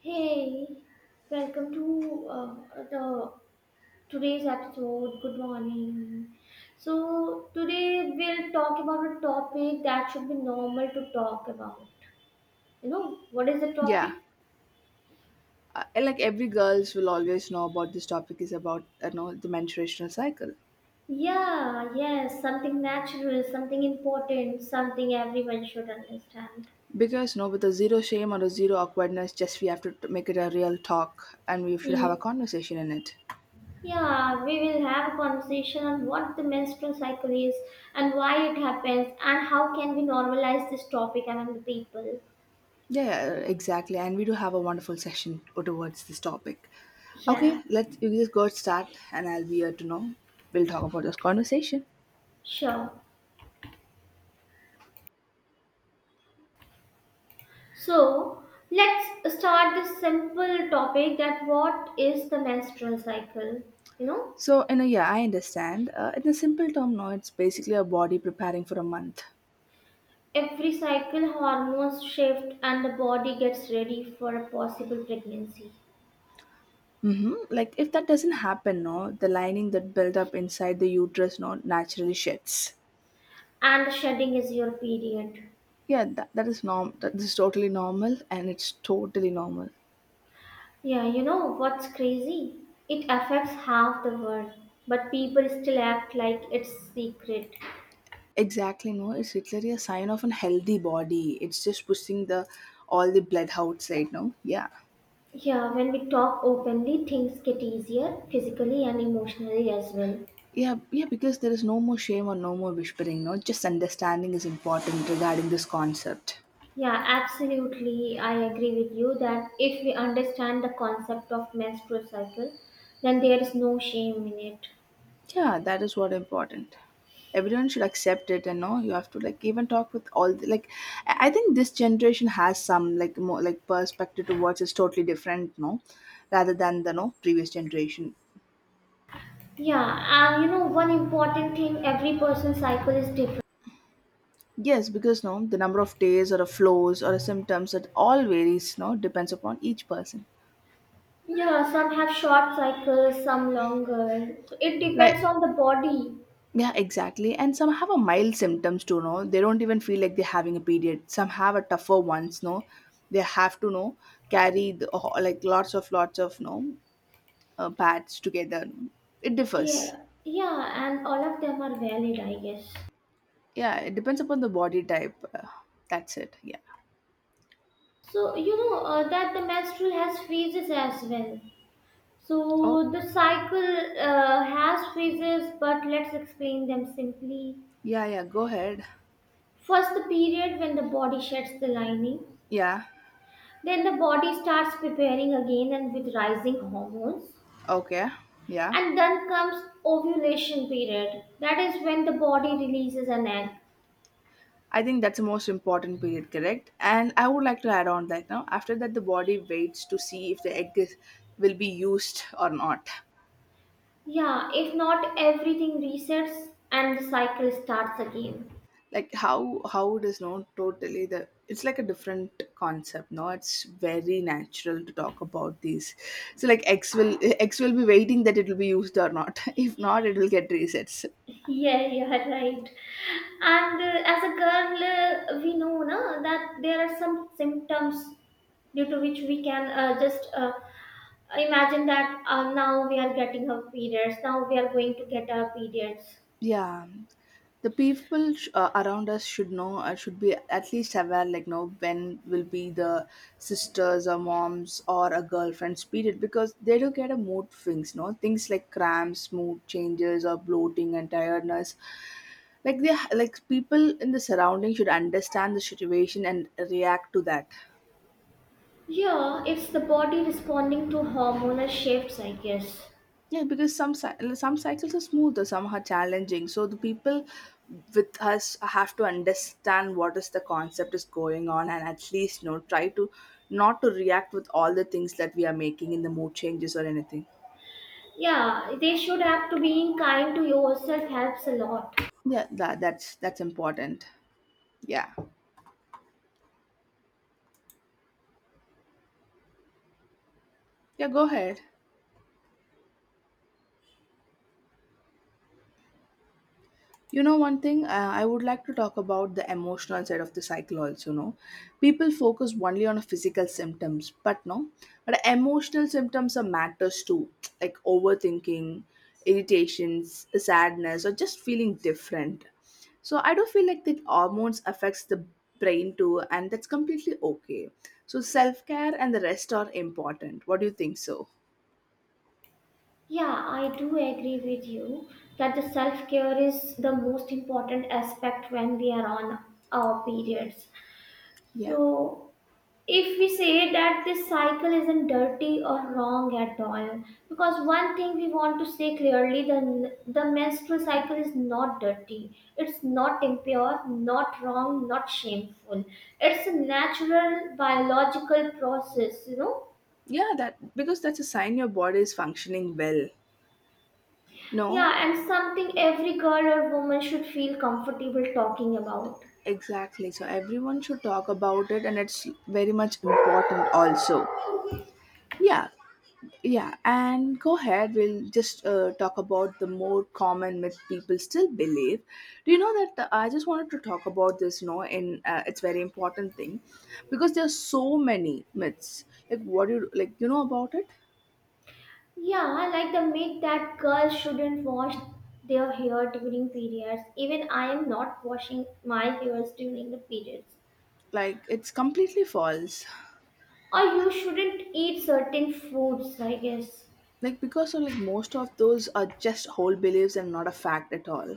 Hey, welcome to the today's episode. Good morning. So today we'll talk about a topic that should be normal to talk about. You know, what is the Yeah, topic? And like every girls will always know about this topic is about the menstruational cycle Yeah, yes, something natural, something important, something everyone should understand. because with a zero shame or a zero awkwardness, just we have to make it a real talk and we should have a Y- conversation in it. Yeah, we will have a conversation on what the menstrual cycle is and why it happens and how can we normalize this topic among the people. Yeah, exactly, and we do have a wonderful session towards this topic. Yeah. Okay, let's you just go start, and I'll be here to know. We'll talk about this conversation. Sure. So let's start this simple topic that what is the menstrual cycle? You know, So, in a yeah, I understand. In a simple term, no, it's basically a body preparing for a month. every cycle hormones shift and the body gets ready for a possible pregnancy. Hmm. Like if that doesn't happen, no, the lining that built up inside the uterus, no, naturally sheds. And shedding is your period. Yeah, that is norm. That is totally normal, and it's totally normal. Yeah, you know what's crazy? It affects half the world, but people still act like it's secret. Exactly, no, it's literally a sign of a healthy body. It's just pushing the all the blood outside, no. Yeah, Yeah, when we talk openly, things get easier physically and emotionally as well. yeah. Because there is no more shame or no more whispering, no. Just understanding is important regarding this concept. Yeah, absolutely. I agree with you that if we understand the concept of menstrual cycle, then there is no shame in it. Yeah, that is what important. Everyone should accept it, and no, you have to like even talk with all the, like. I think this generation has some like more like perspective towards is totally different, no, rather than the no previous generation. Yeah, and you know, one important thing every person's cycle is different. Yes, because no, the number of days or the flows or the symptoms it all varies, no, depends upon each person. Yeah, some have short cycles, some longer. So it depends Like, on the body. yeah, exactly. And some have a mild symptoms too, no? They don't even feel like they're having a period. Some have a tougher ones, no? They have to, no, carry the, like lots of, no, pads together. No? It differs. Yeah, yeah, and all of them are valid, I guess. Yeah, it depends upon the body type. That's it. Yeah. So, you know, that the menstrual has phases as well. Oh, So the cycle has phases, but let's explain them simply. yeah. Go ahead. First, the period when the body sheds the lining, Yeah. then the body starts preparing again and with rising hormones, Okay. Yeah. and then comes ovulation period. That is when the body releases an egg. I think that's the most important period, correct? And I would like to add on that now. After that, the body waits to see if the egg is, will be used or not. Yeah, if not, everything resets and the cycle starts again. Like how it is not totally the it's like a different concept, no, it's very natural to talk about these. So like x will be waiting that it will be used or not if not it will get resets. Yeah, you are right. And as a girl, we know na, that there are some symptoms due to which we can just imagine that now we are getting our periods, now we are going to get our periods. Yeah, the people around us should know, should be at least aware, like know when will be the sisters or moms or a girlfriend's period, because they do get a mood swings, no, things like cramps, mood changes, or bloating and tiredness. Like they like people in the surrounding should understand the situation and react to that. Yeah, it's the body responding to hormonal shifts, I guess. Yeah, because some cycles are smoother, some are challenging. So the people with us have to understand what is the concept is going on, and at least try to not to react with all the things that we are making in the mood changes or anything. Yeah, they should have to being kind to yourself helps a lot. Yeah, that's important. Yeah, yeah. Go ahead. You know, one thing, I would like to talk about the emotional side of the cycle also. No, people focus only on physical symptoms, but no, but emotional symptoms are matters too, like overthinking, irritations, sadness, or just feeling different. So I do feel like that hormones affects the brain too, and that's completely okay. So self care and the rest are important. What do you think? So Yeah, I do agree with you that the self care is the most important aspect when we are on our periods. yeah, So, if we say that this cycle isn't dirty or wrong at all, because one thing we want to say clearly the menstrual cycle is not dirty, it's not impure, not wrong, not shameful. It's a natural biological process, you know. yeah, that because that's a sign your body is functioning well. No. Yeah, and something every girl or woman should feel comfortable talking about. Exactly. So everyone should talk about it, and it's very much important also. Yeah, yeah. And go ahead. We'll just talk about the more common myth people still believe. Do you know that, I just wanted to talk about this? You know, in it's very important thing because there's so many myths. Like what do you like? You know about it? Yeah, like the myth that girls shouldn't wash their hair during periods. Even I am not washing my hairs during the periods. Like it's completely false. Or you shouldn't eat certain foods, I guess. Like because of like most of those are just whole beliefs and not a fact at all.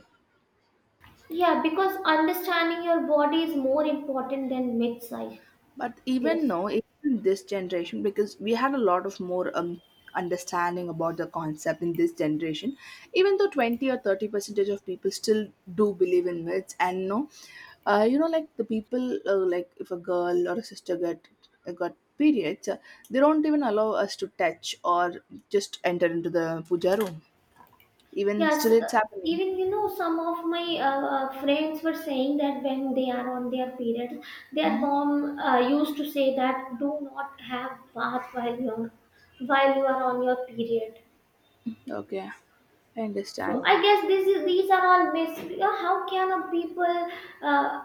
Yeah, because understanding your body is more important than myths, I But even guess. now, even this generation, because we had a lot of more understanding about the concept in this generation, even though 20 or 30 percentage of people still do believe in myths and no, you know, like the people, like if a girl or a sister get got periods, they don't even allow us to touch or just enter into the puja room. Even Yes, still, it's happening. even you know, some of my friends were saying that when they are on their periods, their mom used to say that do not have bath while you are on your period. Okay, I So understand. I guess this is these are all myths. Yeah, how can a people uh,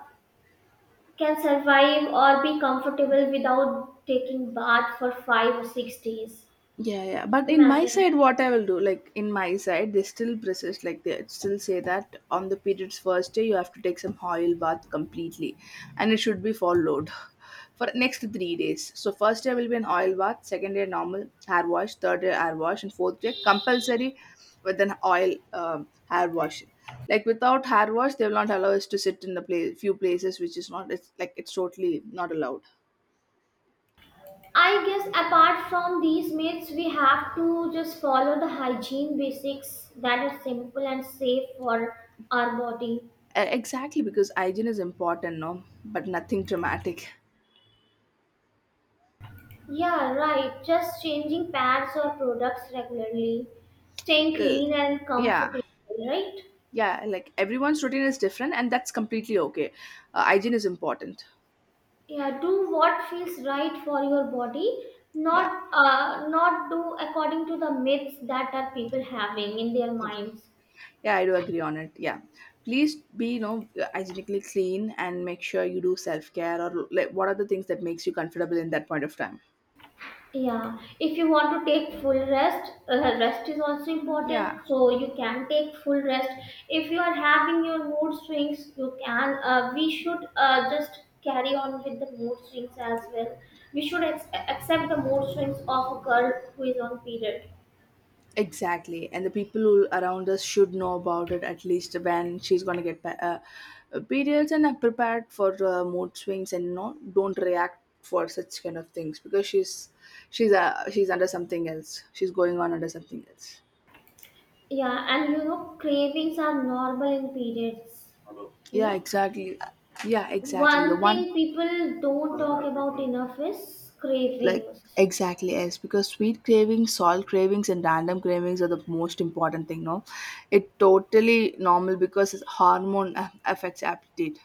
can survive or be comfortable without taking bath for 5 or 6 days? Yeah. Just But in my imagine. side, what I will do, like in my side, they still persist, like they still say that on the period's first day, you have to take some oil bath completely and it should be followed for next 3 days. So, first day will be an oil bath, second day, normal hair wash, third day, hair wash, and fourth day, compulsory with an oil hair wash. Like without hair wash, they will not allow us to sit in the place, few places which is not, it's like it's totally not allowed. I guess apart from these myths, we have to just follow the hygiene basics that are simple and safe for our body. Exactly, because hygiene is important, no? But nothing dramatic. Yeah, right. Just changing pads or products regularly, staying L- clean and yeah, comfortable, right? yeah, like everyone's routine is different and that's completely okay. Hygiene is important. Yeah, do what feels right for your body, Yeah, not not do according to the myths that are people having in their minds. yeah, I do agree on it. Yeah, please be, you know, hygienically clean and make sure you do self-care or like what are the things that makes you comfortable in that point of time. Yeah, if you want to take full rest, rest is also Yeah. important. So you can take full rest. If you are having your mood swings, you can. We should just carry on with the mood swings as well. We should accept the mood swings of a girl who is on period. Exactly, and the people around us should know about it at least when she's gonna periods and are prepared for mood swings and no, don't react for such kind of things because she's under something else. She's going on under something else. Yeah, and you know cravings are normal in periods. You Yeah, know, exactly. Yeah, exactly. The one one thing people don't talk about enough is like cravings. exactly is because sweet cravings, salt cravings, and random cravings are the most important thing. No, it totally normal because it's hormone affects appetite.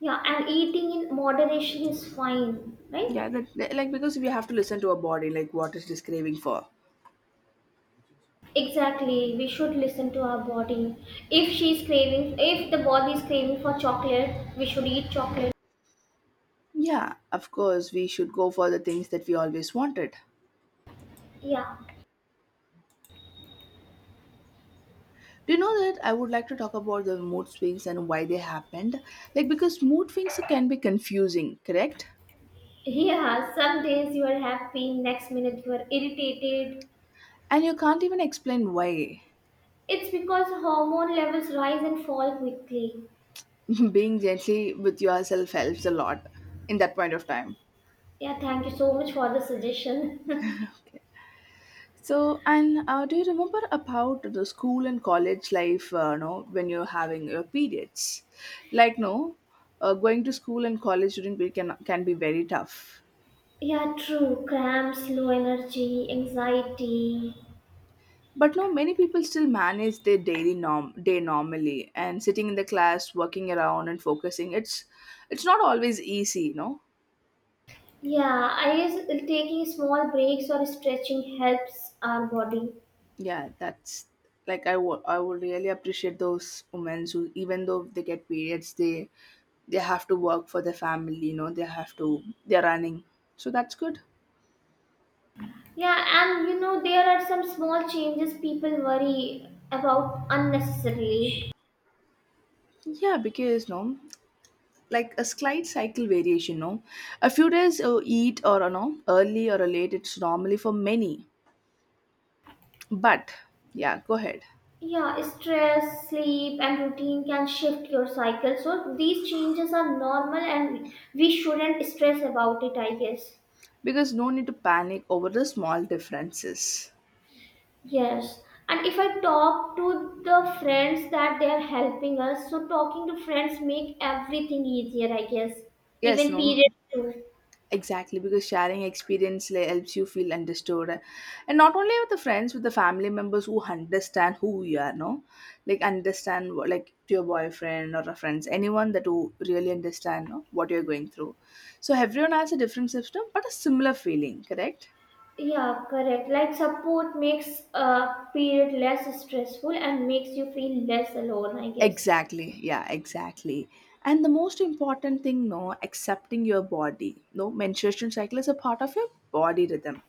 Yeah, and eating in moderation is fine, Yeah, right? Like because we have to listen to our body, like what is this craving for? Exactly. We should listen to our body. If the body is craving for chocolate, we should eat chocolate. Yeah, of course, we should go for the things that we always wanted. Yeah. Do you know that I would like to talk about the mood swings and why they happened? Like because mood swings can be confusing, correct? Yeah, some days you are happy, next minute you are irritated. And you can't even explain why. It's because hormone levels rise and fall quickly. Being gently with yourself helps a lot in that point of time. Yeah, thank you so much for the suggestion. So, and do you remember about the school and college life? No, when you're having your periods, like no, going to school and college during period can be very tough. Yeah, true. Cramps, low energy, anxiety. But no, many people still manage their daily norm day normally, and sitting in the class, working around and focusing. It's not always easy, no. Yeah, I use taking small breaks or stretching helps our body. Yeah, that's like I would really appreciate those women who even though they get periods, they have to work for their family, you know, they have to they're running. So that's good. Yeah, and you know, there are some small changes people worry about unnecessarily. Yeah, because no, like a slight cycle variation, no, a few days eat or no early or late. It's normally for many, but yeah, go ahead Yeah, stress, sleep, and routine can shift your cycle. So these changes are normal and we shouldn't stress about it, I guess. because no need to panic over the small differences. Yes. And if I talk to the friends that they are helping us, so talking to friends make everything easier, I guess. Yes, Even no. periods too. Exactly, because sharing experience like helps you feel understood, and not only with the friends, with the family members who understand who you are. No, like understand like to your boyfriend or a friends, anyone that who really understand, no, what you're going through. So everyone has a different system, but a similar feeling. Correct. Yeah, correct. Like support makes a period less stressful and makes you feel less alone, I guess. Exactly. Yeah, exactly. And the most important thing, no, accepting your body. No, menstruation cycle is a part of your body rhythm.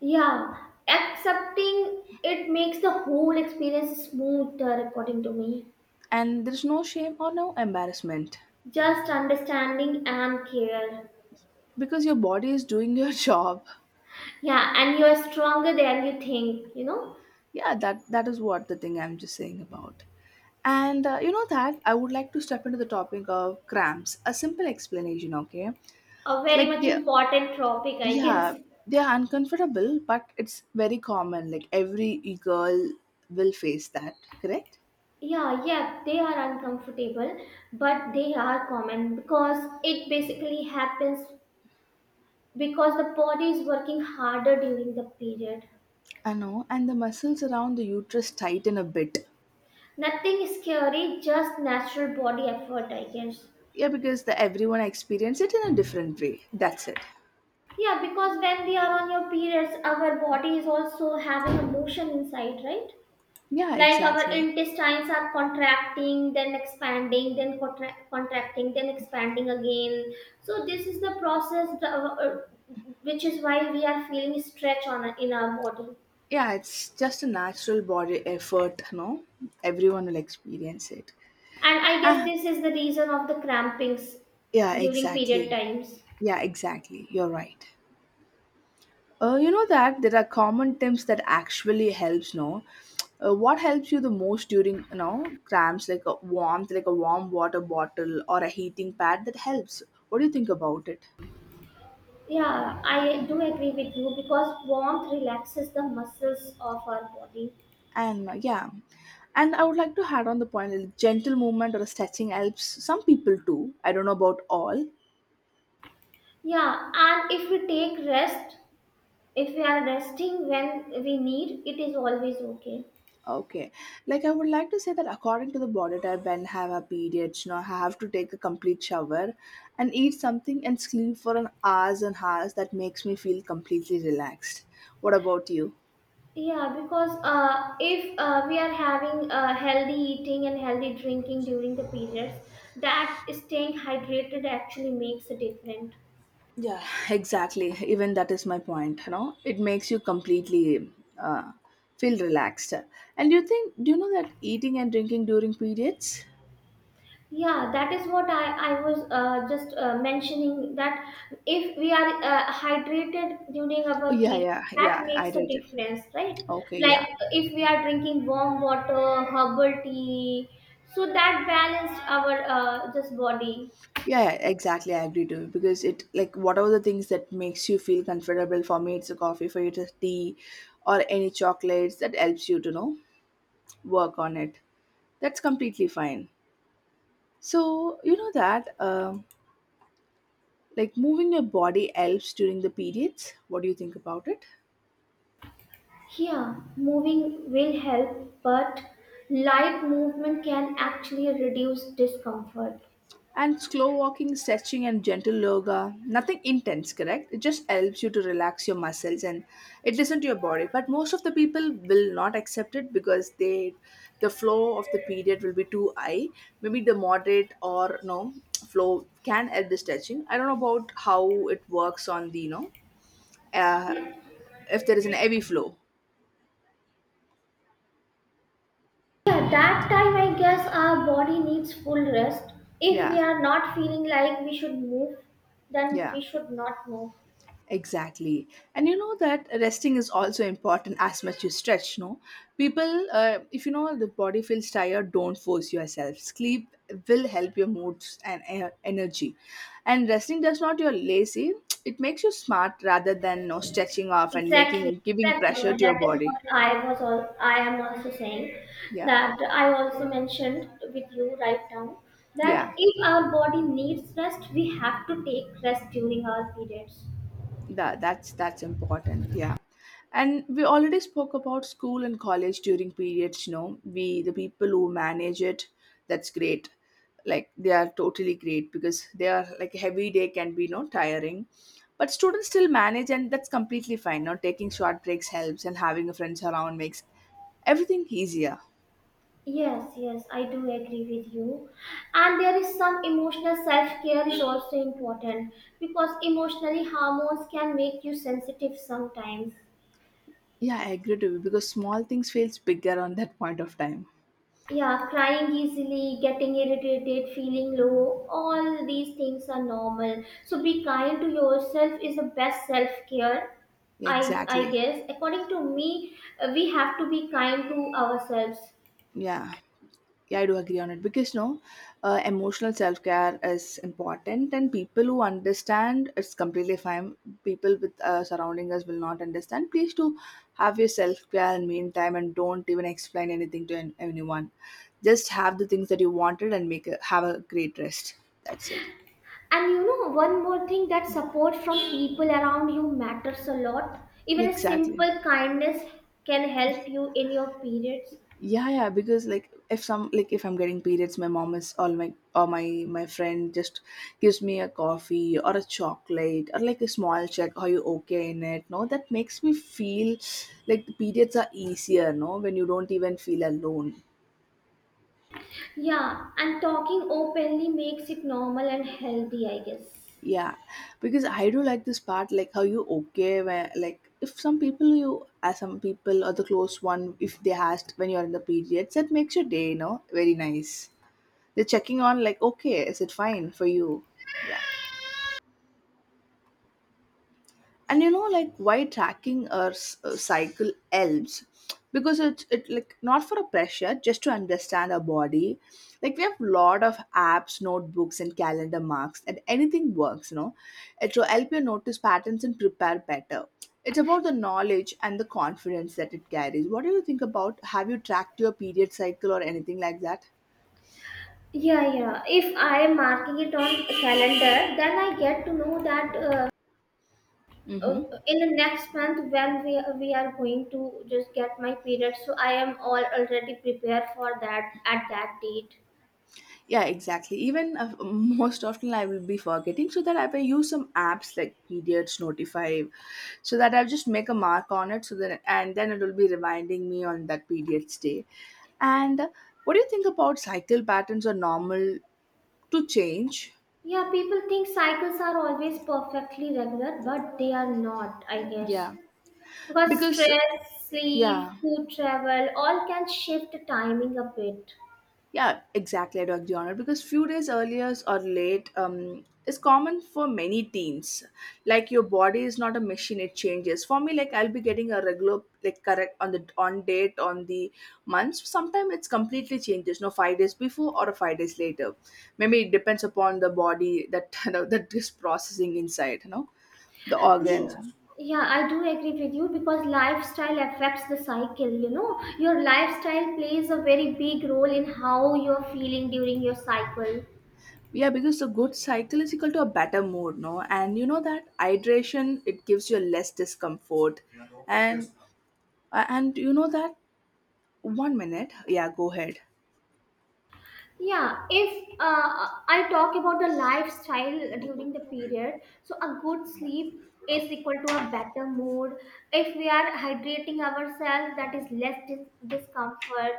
Yeah, accepting it makes the whole experience smoother, according to me. And there's no shame or no embarrassment. Just understanding and care. Because your body is doing your job. Yeah, and you are stronger than you think, you know? Yeah, that that is what the thing I'm just saying about. And you know that I would like to step into the topic of cramps, a simple explanation. Okay, A very like much they, important topic, I guess. yeah, they are uncomfortable but it's very common. Like every girl will face that, correct? Yeah, yeah, they are uncomfortable, but they are common because it basically happens because the body is working harder during the period. I know, and the muscles around the uterus tighten a bit. Nothing is scary, just natural body effort, I guess. Yeah, because the everyone experience it in a different way. That's it. Yeah, because when we are on your periods, our body is also having a motion inside, right? Yeah, Like our exactly. intestines are contracting, then expanding, then contracting, then expanding again. So this is the process, which is why we are feeling stretch on in our body. Yeah, it's just a natural body effort, no? Everyone will experience it. And I guess Ah, this is the reason of the crampings yeah, during period exactly. times. Yeah, exactly. You're right. You know that there are common tips that actually helps, no? What helps you the most during, you know, cramps, like a warmth, like a warm water bottle or a heating pad that helps? What do you think about it? Yeah, I do agree with you because warmth relaxes the muscles of our body. And yeah, and I would like to add on the point, like gentle movement or stretching helps some people too. I don't know about all. Yeah, and if we take rest, if we are resting when we need, it is always okay. Okay. Like I would like to say that according to the body type, men have a period, you know, have to take a complete shower and eat something and sleep for an hours and hours that makes me feel completely relaxed. What about you? Yeah, because if we are having healthy eating and healthy drinking during the periods, that staying hydrated actually makes a difference. Yeah, exactly. Even that is my point, you know. It makes you completely uh, feel relaxed. And do you know that eating and drinking during periods? Yeah, that is what I was just mentioning that if we are hydrated during our Yeah, period, yeah, that yeah, I makes a read it. difference, right? Okay, yeah. Like if we are drinking warm water, herbal tea, so that balanced our just body. Yeah, yeah, exactly. I agree too. Because it like whatever the things that makes you feel comfortable. For me, it's a coffee. For you, it's a tea, or any chocolates that helps you to know work on it. That's completely fine. So you know that like moving your body helps during the periods. What do you think about it? Yeah, moving will help, but light movement can actually reduce discomfort. And slow walking, stretching, and gentle yoga. Nothing intense, correct? It just helps you to relax your muscles and it listens to your body. But most of the people will not accept it because they, the flow of the period will be too high. Maybe the moderate or no flow can help the stretching. I don't know about how it works on the uh, if there is an heavy flow. At that time, I guess our body needs full rest. If we Yeah, are not feeling like we should move, then yeah. we should not move. Exactly. And you know that resting is also important as much you stretch, no? People, if you know the body feels tired, don't force yourself. Sleep will help your moods and energy. And resting does not you're lazy, it makes you smart rather than no stretching off and Exactly, making giving pressure exactly. to your That is body. what I was all. I am also saying Yeah. that I also mentioned with you right now that Yeah. if our body needs rest, we have to take rest during our periods. That's important. Yeah, and we already spoke about school and college during periods. You know, we the people who manage it, that's great. Like they are totally great because they are like heavy day can be no tiring, but students still manage and that's completely fine. Now taking short breaks helps and having a friends around makes everything easier. Yes, yes, I do agree with you. And there is some emotional self care is also important because emotionally hormones can make you sensitive sometimes. Yeah, I agree to you because small things feels bigger on that point of time. Yeah, crying easily, getting irritated, feeling low, all these things are normal. So be kind to yourself is the best self care. I Exactly. guess according to me, we have to be kind to ourselves. Yeah. Yeah, I do agree on it because you know, emotional self care is important, and people who understand it's completely fine. People with surrounding us will not understand. Please do have your self care in meantime, and don't even explain anything to anyone. Just have the things that you wanted and have a great rest. That's it. And you know, one more thing that support from people around you matters a lot. Even a Exactly. simple kindness can help you in your periods. Yeah, yeah, because like if some like if I'm getting periods, my mom is all my or my friend just gives me a coffee or a chocolate or like a small check, are you okay in it? No, that makes me feel like the periods are easier, no, when you don't even feel alone. Yeah, and talking openly makes it normal and healthy, I guess. Yeah, because I do like this part, like how you okay where like if some people you as some people or the close one if they asked when you're in the periods, that makes your day, no, very nice. They're checking on like, okay, is it fine for you? Yeah. And you know, like why tracking or cycle helps because it's it like not for a pressure, just to understand our body. Like we have a lot of apps, notebooks, and calendar marks, and anything works. You know, it will help you notice patterns and prepare better. It's about the knowledge and the confidence that it carries. What do you think about? Have you tracked your period cycle or anything like that? Yeah, yeah. If I am marking it on calendar, then I get to know that uh, Mm-hmm. in the next month when we are going to just get my period. So I am all already prepared for that at that date. Yeah, exactly. Even most often I will be forgetting, so that I will use some apps like periods notify, so that I'll just make a mark on it, so that and then it will be reminding me on that period's day. And what do you think about cycle patterns are normal to change? Yeah, people think cycles are always perfectly regular, but they are not, I guess. Yeah, Because because stress, yeah. sleep, food travel, all can shift the timing a bit. Yeah, exactly. I do agree on it because few days earlier or late is common for many teens. Like your body is not a machine; it changes. For me, like I'll be getting a regular like correct on the on date on the months. Sometimes it's completely changes. No, 5 days before or 5 days later. Maybe it depends upon the body that that is processing inside. You know the organs. Yeah. Yeah, I do agree with you because lifestyle affects the cycle, you know. Your lifestyle plays a very big role in how you're feeling during your cycle. Yeah, because a good cycle is equal to a better mood, no? And you know that hydration it gives you less discomfort. And and you know that one minute. Yeah, go ahead. Yeah, if I talk about the lifestyle during the period, so a good sleep is equal to a better mood. If we are hydrating ourselves, that is less discomfort,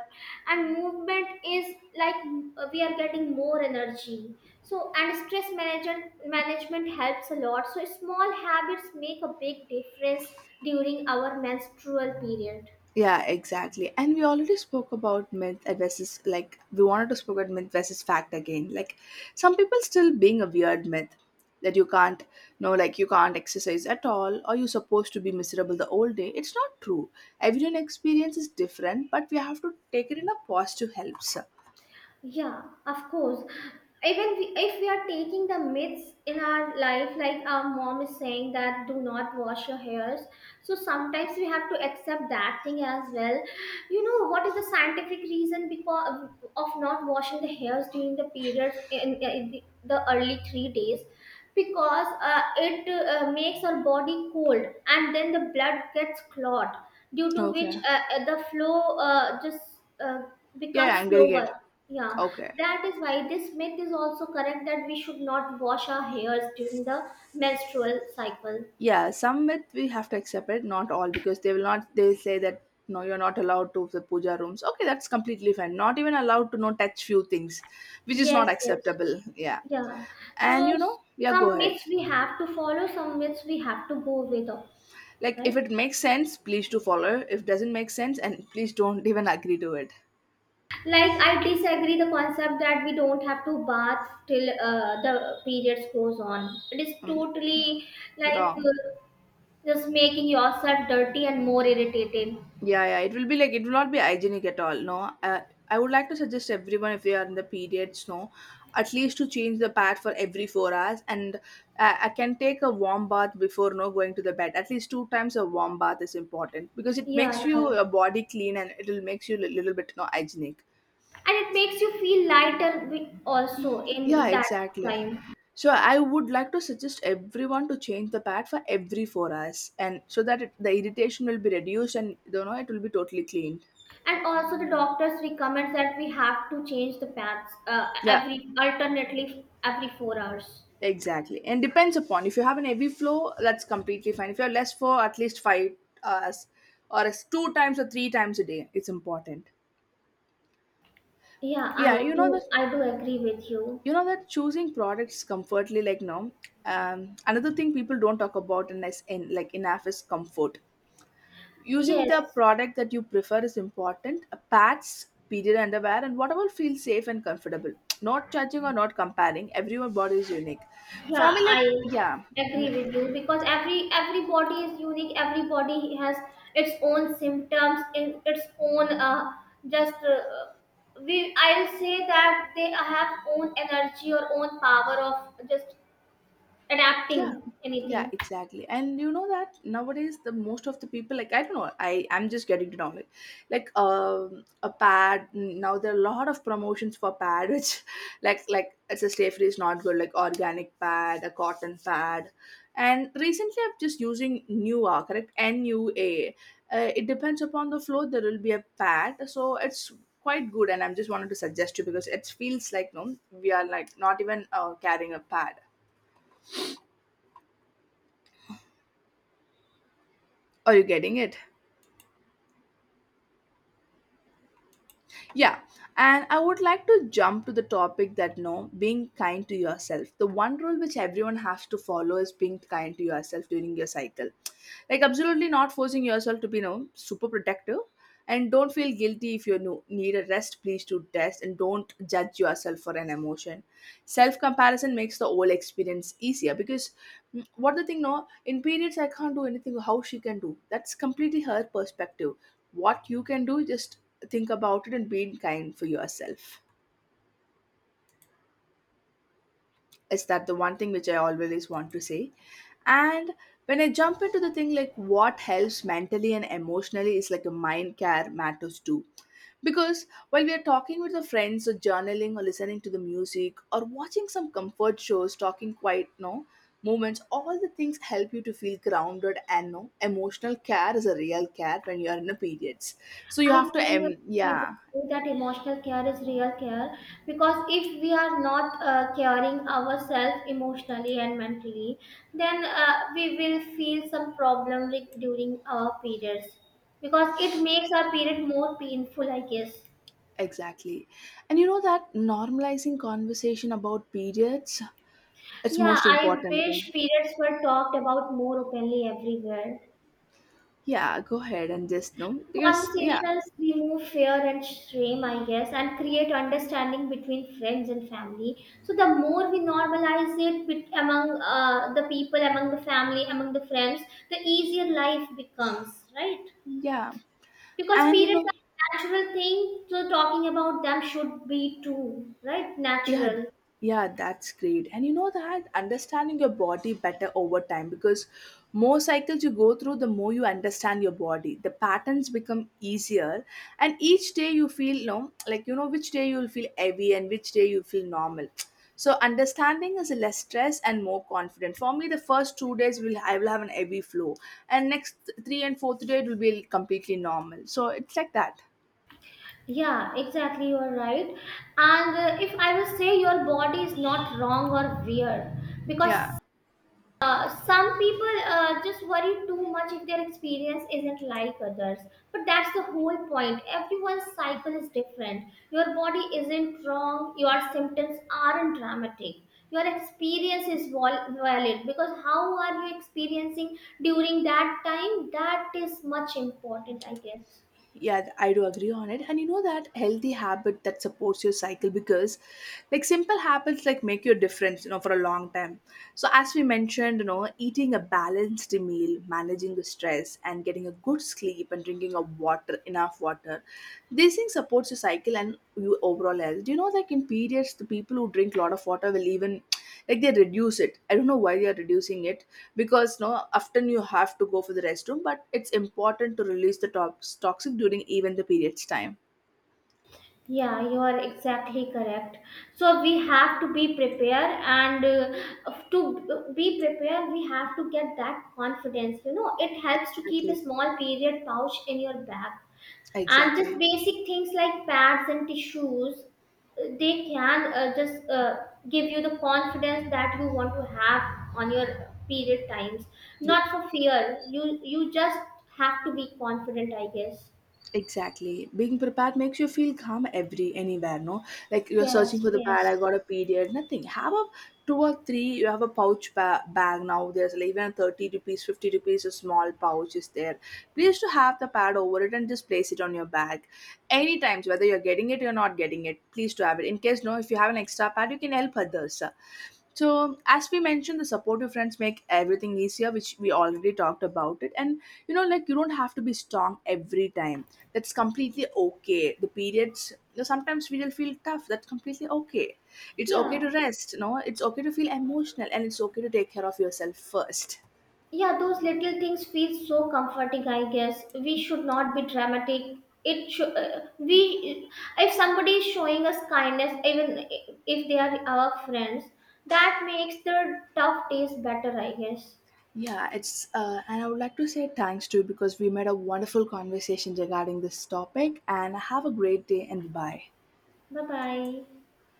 and movement is like we are getting more energy. So, and stress management helps a lot. So, small habits make a big difference during our menstrual period. Yeah, exactly. And we already spoke about myth versus like we wanted to spoke about myth versus fact again. Like some people still being a weird myth that you can't no like you can't exercise at all or you're supposed to be miserable the whole day. It's not true. Everyone experience is different, but we have to take it in a positive helps. Yeah, of course. Even we, if we are taking the myths in our life, like our mom is saying that do not wash your hairs. So sometimes we have to accept that thing as well. You know what is the scientific reason because of not washing the hairs during the periods in the early 3 days? Because it makes our body cold and then the blood gets clogged due to which Okay. The flow just Yeah, becomes I'm getting slower. it. Yeah, Okay. that is why this myth is also correct that we should not wash our hairs during the menstrual cycle. Yeah, some myth we have to accept it, not all, because they will not they say that no, you're not allowed to the puja rooms. Okay, that's completely fine. Not even allowed to not touch few things, which is Yes, not yes, acceptable. Yeah. yeah. So And you know, yeah, some go ahead. myths we have to follow, some myths we have to go with, Like if right. it makes sense, please do follow. If doesn't make sense, and please don't even agree to it. Like I disagree the concept that we don't have to bath till the periods goes on. It is Mm, totally like wrong. Just making yourself dirty and more irritated. Yeah, yeah, it will be like it will not be hygienic at all. No, I would like to suggest everyone if they are in the periods, no, at least to change the pad for every 4 hours, and I can take a warm bath before no going to the bed. At least two times a warm bath is important because it makes Yeah, you right, your body clean and it will makes you a little bit no hygienic. and it makes you feel lighter also Yeah, in that exactly. time. So I would like to suggest everyone to change the pad for every 4 hours, and so that it, the irritation will be reduced and you know it will be totally cleaned. And also the doctors recommend that we have to change the pads Yeah. every alternately every 4 hours. Exactly. And depends upon if you have an heavy flow, that's completely fine. If you're less for at least 5 hours or as two times or three times a day, it's important. Yeah, i Yeah, do i do agree with you. you know that choosing products comfortably like no. Another thing people don't talk about and as in like enough is comfort. Using Yes, the product that you prefer is important. Pads, period underwear, and whatever feels safe and comfortable. Not judging or not comparing. Everyone's body is unique. For yeah, me, like I yeah, agree with you because every body is unique, every body has its own symptoms and its own, just we I'll say that they have own energy or own power of just yeah, adapting yeah, anything. exactly. And you know that nowadays the most of the people like I don't know I'm just getting to know like a pad. Now there are a lot of promotions for pad which like it's a stay free is not good, like organic pad, a cotton pad. And recently I'm just using Nua, correct, Nua. It depends upon the flow there will be a pad, so it's quite good, and I'm just wanted to suggest you because it feels like no we are like not even carrying a pad. Are you getting it? Yeah, and I would like to jump to the topic that no, being kind to yourself. The one rule which everyone has to follow is being kind to yourself during your cycle. Like absolutely not forcing yourself to be you know, super protective. And don't feel guilty if you need a rest, please do rest and don't judge yourself for an emotion. Self comparison makes the whole experience easier because mm, what the thing, no, in periods I can't do anything, how she can do. That's completely her perspective what you can do just think about it and be kind for yourself. Is that the one thing which I always want to say? And when I jump into the thing like what helps mentally and emotionally is like a mind care matters too, because while we are talking with the friends or journaling or listening to the music or watching some comfort shows talking quiet no moments, all the things help you to feel grounded and no emotional care is a real care when you are in the periods. So you I do have to agree with yeah. you that emotional care is real care because if we are not caring ourselves emotionally and mentally, then we will feel some problem during our periods because it makes our period more painful, I guess. Exactly. And you know that normalizing conversation about periods, it's Yeah, most I important thing. wish periods were talked about more openly everywhere. Yeah, go ahead and just know because yeah, Conversations remove fear and shame, I guess, and create understanding between friends and family. So the more we normalize it among the people, among the family, among the friends, the easier life becomes, right? yeah. Because And you periods know, are a natural thing, so talking about them should be too, right? yeah, Natural. yeah, that's great. And you know that understanding your body better over time, because more cycles you go through, the more you understand your body. The patterns become easier, and each day you feel you know, like you know which day you'll feel heavy and which day you feel normal. So understanding is less stress and more confident. For me, the first 2 days will I will have an heavy flow, and next three and fourth day it will be completely normal. So it's like that. Yeah, exactly. You're right. And if I will say your body is not wrong or weird, because Yeah. Some people just worry too much if their experience isn't like others, but that's the whole point. Everyone's cycle is different, your body isn't wrong, your symptoms aren't dramatic, your experience is valid, because how are you experiencing during that time, that is much important, I guess. Yeah, I do agree on it. And you know that healthy habit that supports your cycle, because like simple habits like make your difference, you know, for a long time. So as we mentioned, you know, eating a balanced meal, managing the stress and getting a good sleep and drinking of water, enough water. These things supports your cycle and your overall health. Do you know like in periods the people who drink a lot of water will even like they reduce it, I don't know why they are reducing it, because no often you have to go for the restroom, but it's important to release the toxic during even the period's time. Yeah, you are exactly correct. So we have to be prepared, and to be prepared, we have to get that confidence. You know, it helps to keep a Exactly. small period pouch in your bag, and just Exactly. basic things like pads and tissues, they can just give you the confidence that you want to have on your period times. Not for fear. You just have to be confident, I guess. Exactly. Being prepared makes you feel calm every anywhere, no? Like you're searching Yes. for the pad, I Yes. got a period, nothing. Have a two or three, you have a pouch bag now. There's like even a 30 rupees, 50 rupees, a small pouch is there. Please to have the pad over it and just place it on your bag. Anytime, whether you're getting it or not getting it, please to have it. In case no, if you have an extra pad, you can help others. So as we mentioned, the supportive friends make everything easier, which we already talked about it. And you know like you don't have to be strong every time, that's completely okay. The periods, you know, sometimes we will feel tough, that's completely okay. It's okay Yeah. to rest. No, it's okay to feel emotional, and it's okay to take care of yourself first. Yeah, those little things feel so comforting, I guess. We should not be dramatic. It should, we If somebody is showing us kindness, even if they are our friends, that makes the tough days better, I guess. Yeah, it's and I would like to say thanks too, because we made a wonderful conversation regarding this topic. And have a great day, and bye. Bye bye.